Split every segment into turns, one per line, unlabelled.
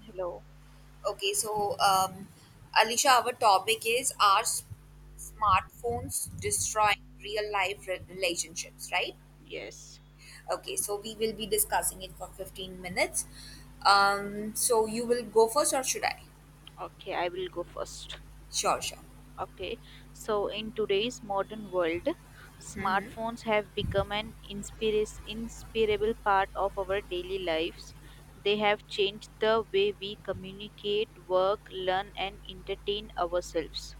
Hello.
Okay, so um, Alicia, our topic is smartphones destroying real life relationships, right?
Yes.
Okay, so we will be discussing it for 15 minutes. So you will go first or should I?
Okay, I will go first.
Sure, sure.
Okay. So, in today's modern world, smartphones have become an inseparable part of our daily lives. They have changed the way we communicate, work, learn, and entertain ourselves.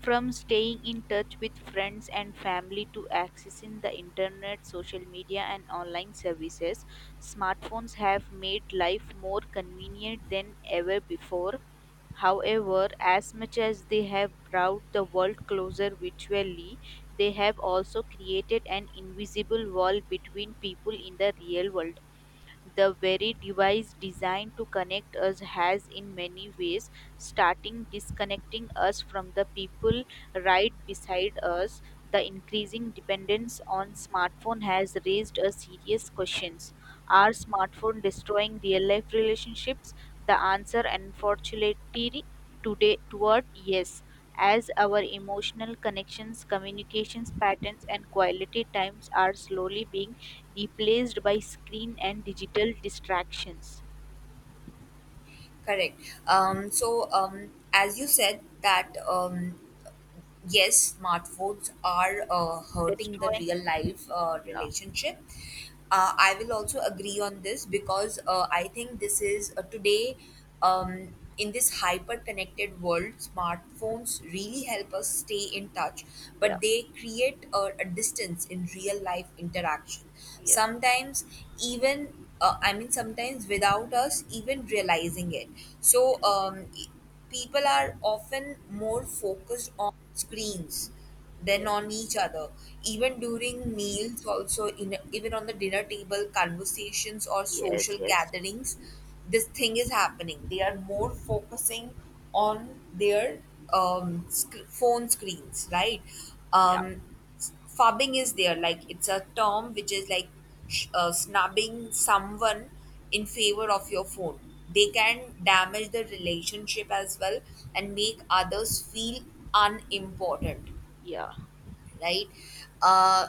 From staying in touch with friends and family to accessing the internet, social media, and online services, smartphones have made life more convenient than ever before. However, as much as they have brought the world closer virtually, they have also created an invisible wall between people in the real world. The very device designed to connect us has, in many ways, starting disconnecting us from the people right beside us. The increasing dependence on smartphone has raised a serious questions. Are smartphone destroying real life relationships? The answer, unfortunately, today toward yes, as our emotional connections, communications patterns, and quality times are slowly being replaced by screen and digital distractions,
Correct. As you said that yes, smartphones are hurting the
destroying.
real life
Yeah,
relationship. I will also agree on this because I think this is today, um, in this hyper connected world, smartphones really help us stay in touch,
yeah,
but they create a distance in real life interaction.
yeah,
Sometimes, even I mean, sometimes without us even realizing it. So,
yes,
um, people are often more focused on screens than
yes,
on each other, even during meals, also in even on the dinner table conversations or
yes,
social
yes,
gatherings. This thing is happening, they are more focusing on their phone screens, right?
yeah,
um, Fubbing is there, like it's a term which is like snubbing someone in favor of your phone. They can damage the relationship as well and make others feel unimportant,
yeah.
right? uh,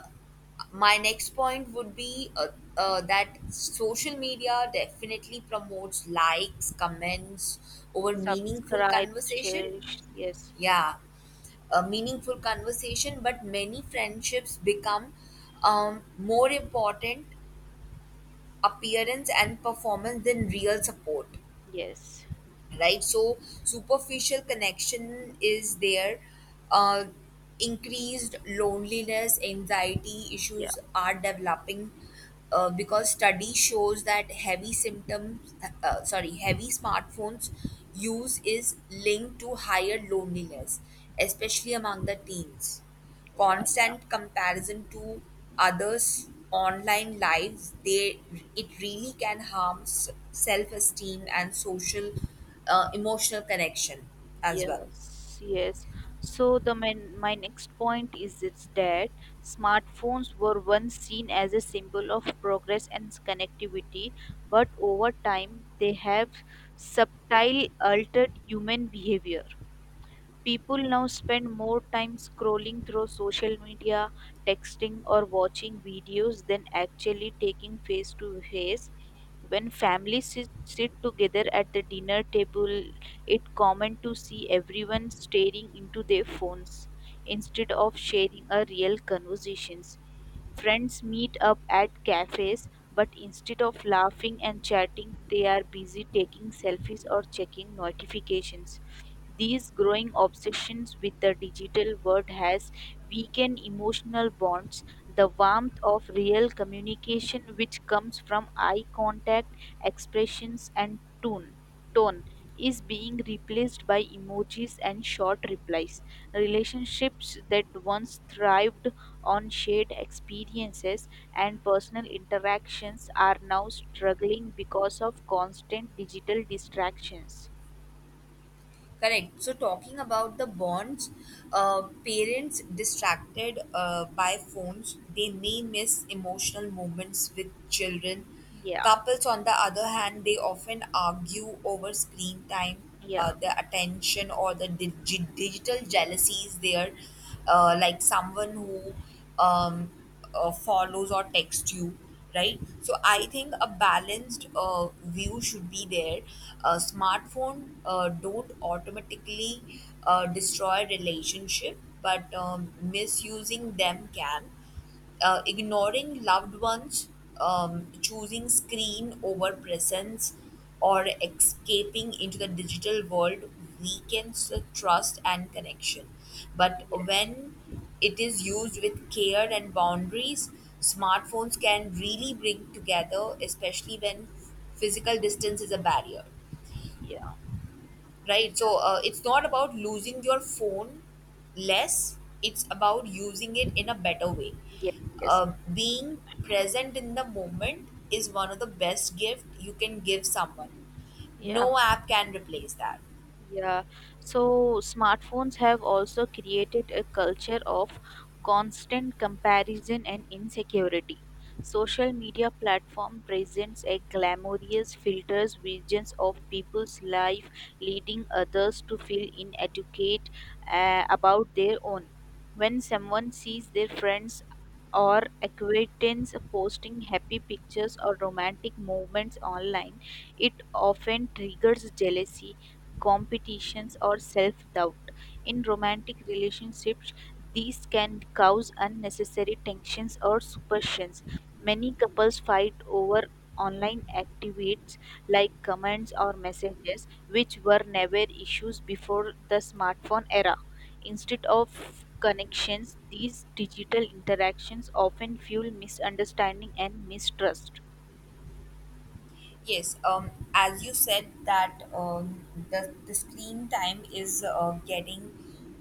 my next point would be that social media definitely promotes likes, comments over meaningful
Subscribes,
conversation.
shares, yes,
Yeah, a meaningful conversation, but many friendships become, more important appearance and performance than real support,
yes,
right? So, superficial connection is there. Uh, Increased loneliness, anxiety
yeah,
issues are developing because study shows that heavy symptoms, sorry, heavy smartphones use is linked to higher loneliness, especially among the teens.
yeah, yeah,
Constant comparison to others' online lives, they, it really can harm self esteem and social, emotional connection as well.
yes, yes. So the man, my next point is it's that smartphones were once seen as a symbol of progress and connectivity, but over time they have subtly altered human behavior. People now spend more time scrolling through social media, texting, or watching videos than actually taking face to face. When families sit together at the dinner table, it's common to see everyone staring into their phones instead of sharing a real conversations. Friends meet up at cafes, but instead of laughing and chatting, they are busy taking selfies or checking notifications. This growing obsession with the digital world has weakened emotional bonds. The warmth of real communication, which comes from eye contact, expressions, and tone, is being replaced by emojis and short replies. Relationships that once thrived on shared experiences and personal interactions are now struggling because of constant digital distractions.
Correct. So, talking about the bonds, parents distracted by phones, they may miss emotional moments with children.
Yeah,
Couples, on the other hand, they often argue over screen time,
yeah.
the attention, or the digital jealousy is there. Like someone who, um, follows or text you, right? So I
Yeah.
think a balanced view should be there. A smartphone don't automatically destroy relationship, but misusing them can, ignoring loved ones, choosing screen over presence, or escaping into the digital world weakens the trust and connection. But
Yes.
when it is used with care and boundaries, smartphones can really bring together, especially when physical distance is a barrier,
Yeah.
right? So it's not about losing your phone less, it's about using it in a better way.
Yes. Yes.
Being present in the moment is one of the best gift you can give someone. No
Yeah.
app can replace that.
Yeah. So smartphones have also created a culture of constant comparison and insecurity. Social media platform presents a glamorous filters visions of people's life, leading others to feel inadequate about their own. When someone sees their friends or acquaintance posting happy pictures or romantic moments online, it often triggers jealousy, competitions, or self doubt. In romantic relationships, these can cause unnecessary tensions or suspicions. Many couples fight over online activities like comments or messages, which were never issues before the smartphone era. Instead of connections, these digital interactions often fuel misunderstanding and mistrust.
Yes, as you said that the screen time is getting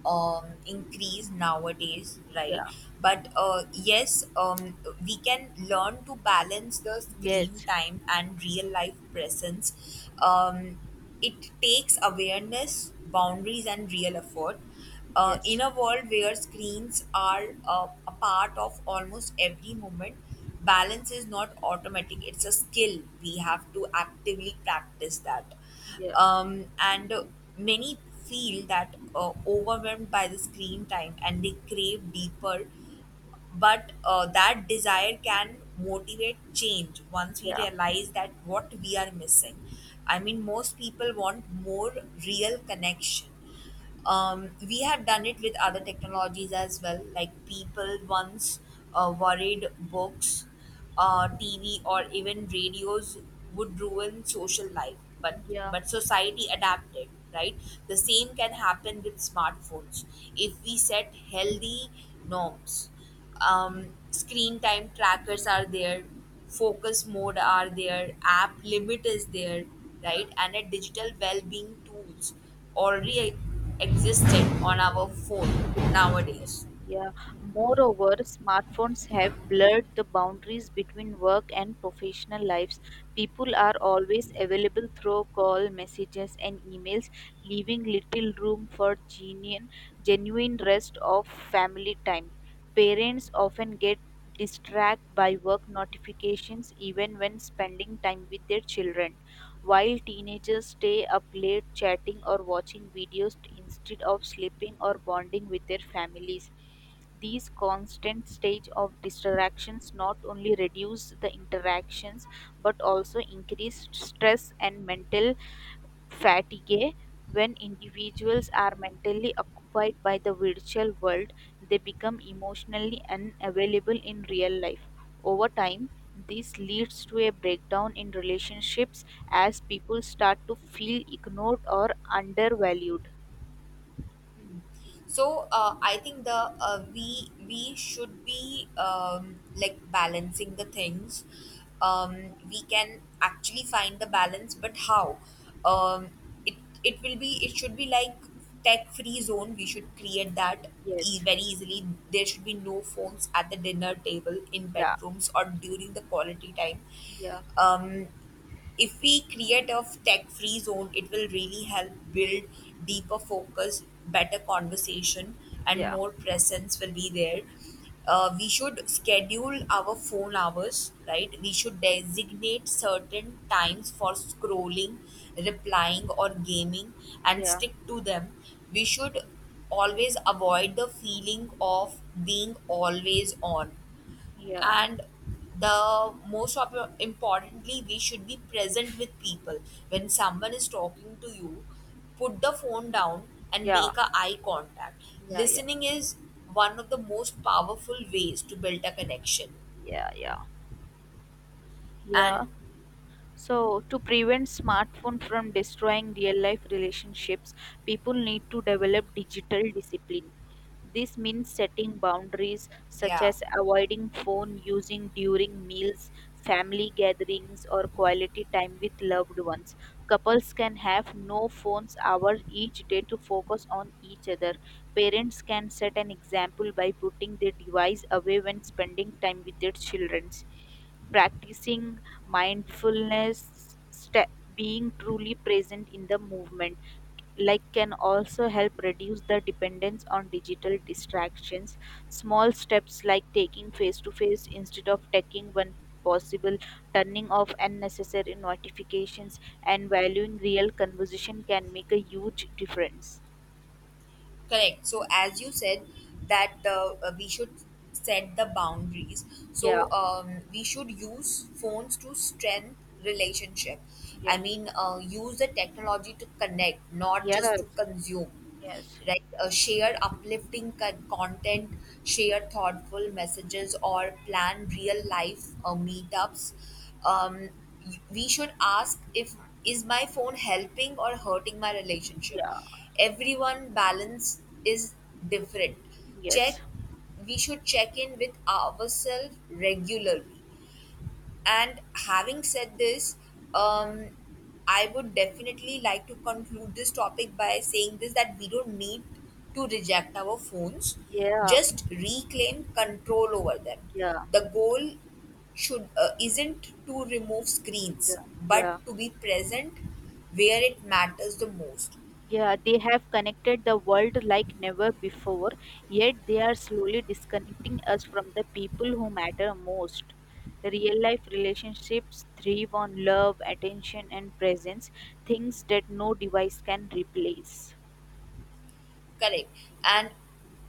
increased nowadays, right?
Yeah.
But yes, we can learn to balance the screen
Yes.
time and real life presence. Um, it takes awareness, boundaries, and real effort.
Yes.
In a world where screens are a part of almost every moment, balance is not automatic. It's a skill. We have to actively practice that.
Yeah.
And Many feel that overwhelmed by the screen time and they crave deeper, but that desire can motivate change once we
Yeah.
realize that what we are missing. I mean, most people want more real connection. We have done it with other technologies as well, like people once worried books, TV or even radios would ruin social life,
Yeah.
but society adapted, right? The same can happen with smartphones if we set healthy norms. Screen time trackers are there, focus mode are there, app limit is there, right? And a digital well-being tools already existed on our phone
Yeah, so-
nowadays.
yeah. Moreover, smartphones have blurred the boundaries between work and professional lives. People are always available through call, messages, and emails, leaving little room for genuine rest of family time. Parents often get distracted by work notifications even when spending time with their children, while teenagers stay up late chatting or watching videos instead of sleeping or bonding with their families. These constant stage of distractions not only reduce the interactions but also increase stress and mental fatigue. When individuals are mentally occupied by the virtual world, they become emotionally unavailable in real life. Over time, this leads to a breakdown in relationships as people start to feel ignored or undervalued.
So I think the we should be like balancing the things. We can actually find the balance, but how? Um, it it will be, it should be like tech free zone. We should create that
Yes.
very easily. There should be no phones at the dinner table, in
Yeah.
bedrooms, or during the quality time.
Yeah.
Um, if we create a tech free zone, it will really help build deeper focus, better conversation, and
Yeah.
more presence will be there. We should schedule our phone hours, right? We should designate certain times for scrolling, replying, or gaming and
Yeah.
stick to them. We should always avoid the feeling of being always on,
Yeah.
and the most of importantly, we should be present with people. When someone is talking to you, put the phone down and
Yeah. Yeah.
make a eye contact.
Yeah.
Listening is one of the most powerful ways to build a connection.
Yeah. Yeah.
And
Yeah. So, to prevent smartphone from destroying real life relationships, people need to develop digital discipline. This means setting boundaries such
yeah.
as avoiding phone using during meals, family gatherings, or quality time with loved ones. Couples can have no phones hour each day to focus on each other. Parents can set an example by putting their device away when spending time with their children, practicing mindfulness, sta being truly present in the movement like can also help reduce the dependence on digital distractions. Small steps like taking face to face instead of taking when possible, turning off unnecessary notifications and valuing real conversation can make a huge difference.
Correct. So as you said that the we should set the boundaries.
Yeah.
So we should use phones to strengthen relationship. I
Yeah.
mean, use the technology to connect, not just
Yes.
to consume,
Yes.
right? Share uplifting content, share thoughtful messages or plan real life meetups. um, we should ask if is my phone helping or hurting my relationship.
Yeah.
Everyone balance is different.
Yes.
Check, we should check in with ourselves regularly. And having said this, um, I would definitely like to conclude this topic by saying this that we don't need to reject our phones,
Yeah.
just reclaim control over them.
Yeah.
The goal should isn't to remove screens,
Yeah,
but
yeah.
to be present where it matters the most.
Yeah, they have connected the world like never before, yet they are slowly disconnecting us from the people who matter most. Real life relationships thrive on love, attention, and presence, things that no device can replace.
Correct. And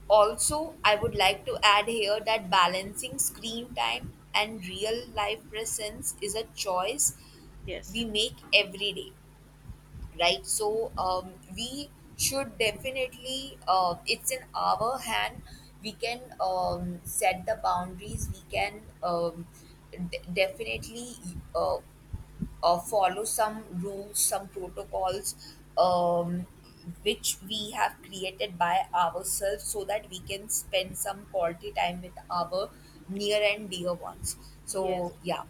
also, I would like to add here that balancing screen time and real life presence is a choice
Yes.
we make every day, right? So we should definitely it's in our hand. We can, set the boundaries, we can, definitely uh, follow some rules, some protocols, um, which we have created by ourselves so that we can spend some quality time with our near and dear ones. So
Yes.
yeah.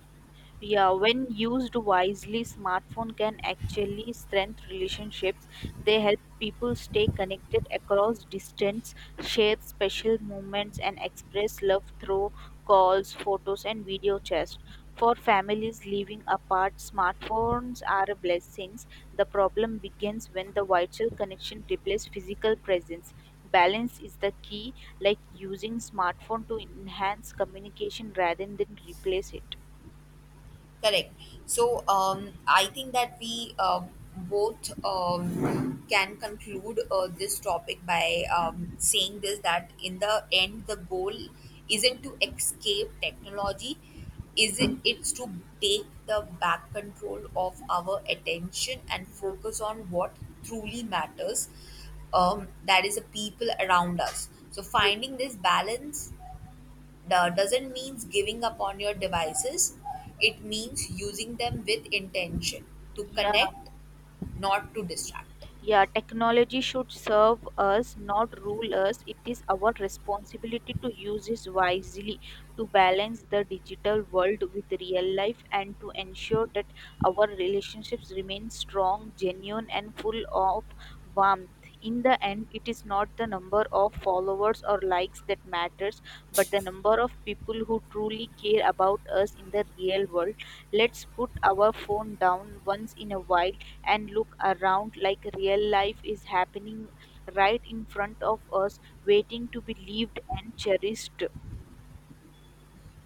Yeah, when used wisely, smartphone can actually strengthen relationships. They help people stay connected across distance, share special moments, and express love through calls, photos, and video chats. For families living apart, smartphones are blessings. The problem begins when the virtual connection replaces physical presence. Balance is the key, like using smartphone to enhance communication rather than replace it.
Correct. So I think that we both can conclude this topic by saying this that in the end, the goal isn't to escape technology, is it? It's to take the back control of our attention and
Yeah.
focus on what truly matters. That is the people around us. So
Ye-
finding this balance doesn't mean giving up on your devices. It means using them with intention to
Yeah,
connect, not to distract.
yeah, technology should serve us, not rule us. It is our responsibility to use it wisely, to balance the digital world with real life, and to ensure that our relationships remain strong, genuine, and full of warmth. In the end, it is not the number of followers or likes that matters, but the number of people who truly care about us in the real world. Let's put our phone down once in a while and look around like real life is happening right in front of us, waiting to be lived and cherished.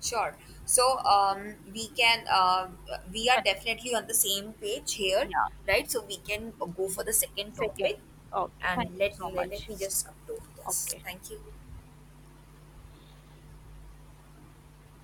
Sure. So we can we are
Con-
definitely on the same page here,
Yeah,
right? So we can go for the second
second.
topic,
Okay,
and
thank you
let
so
me let
much.
me just upload this.
Okay.
Thank you.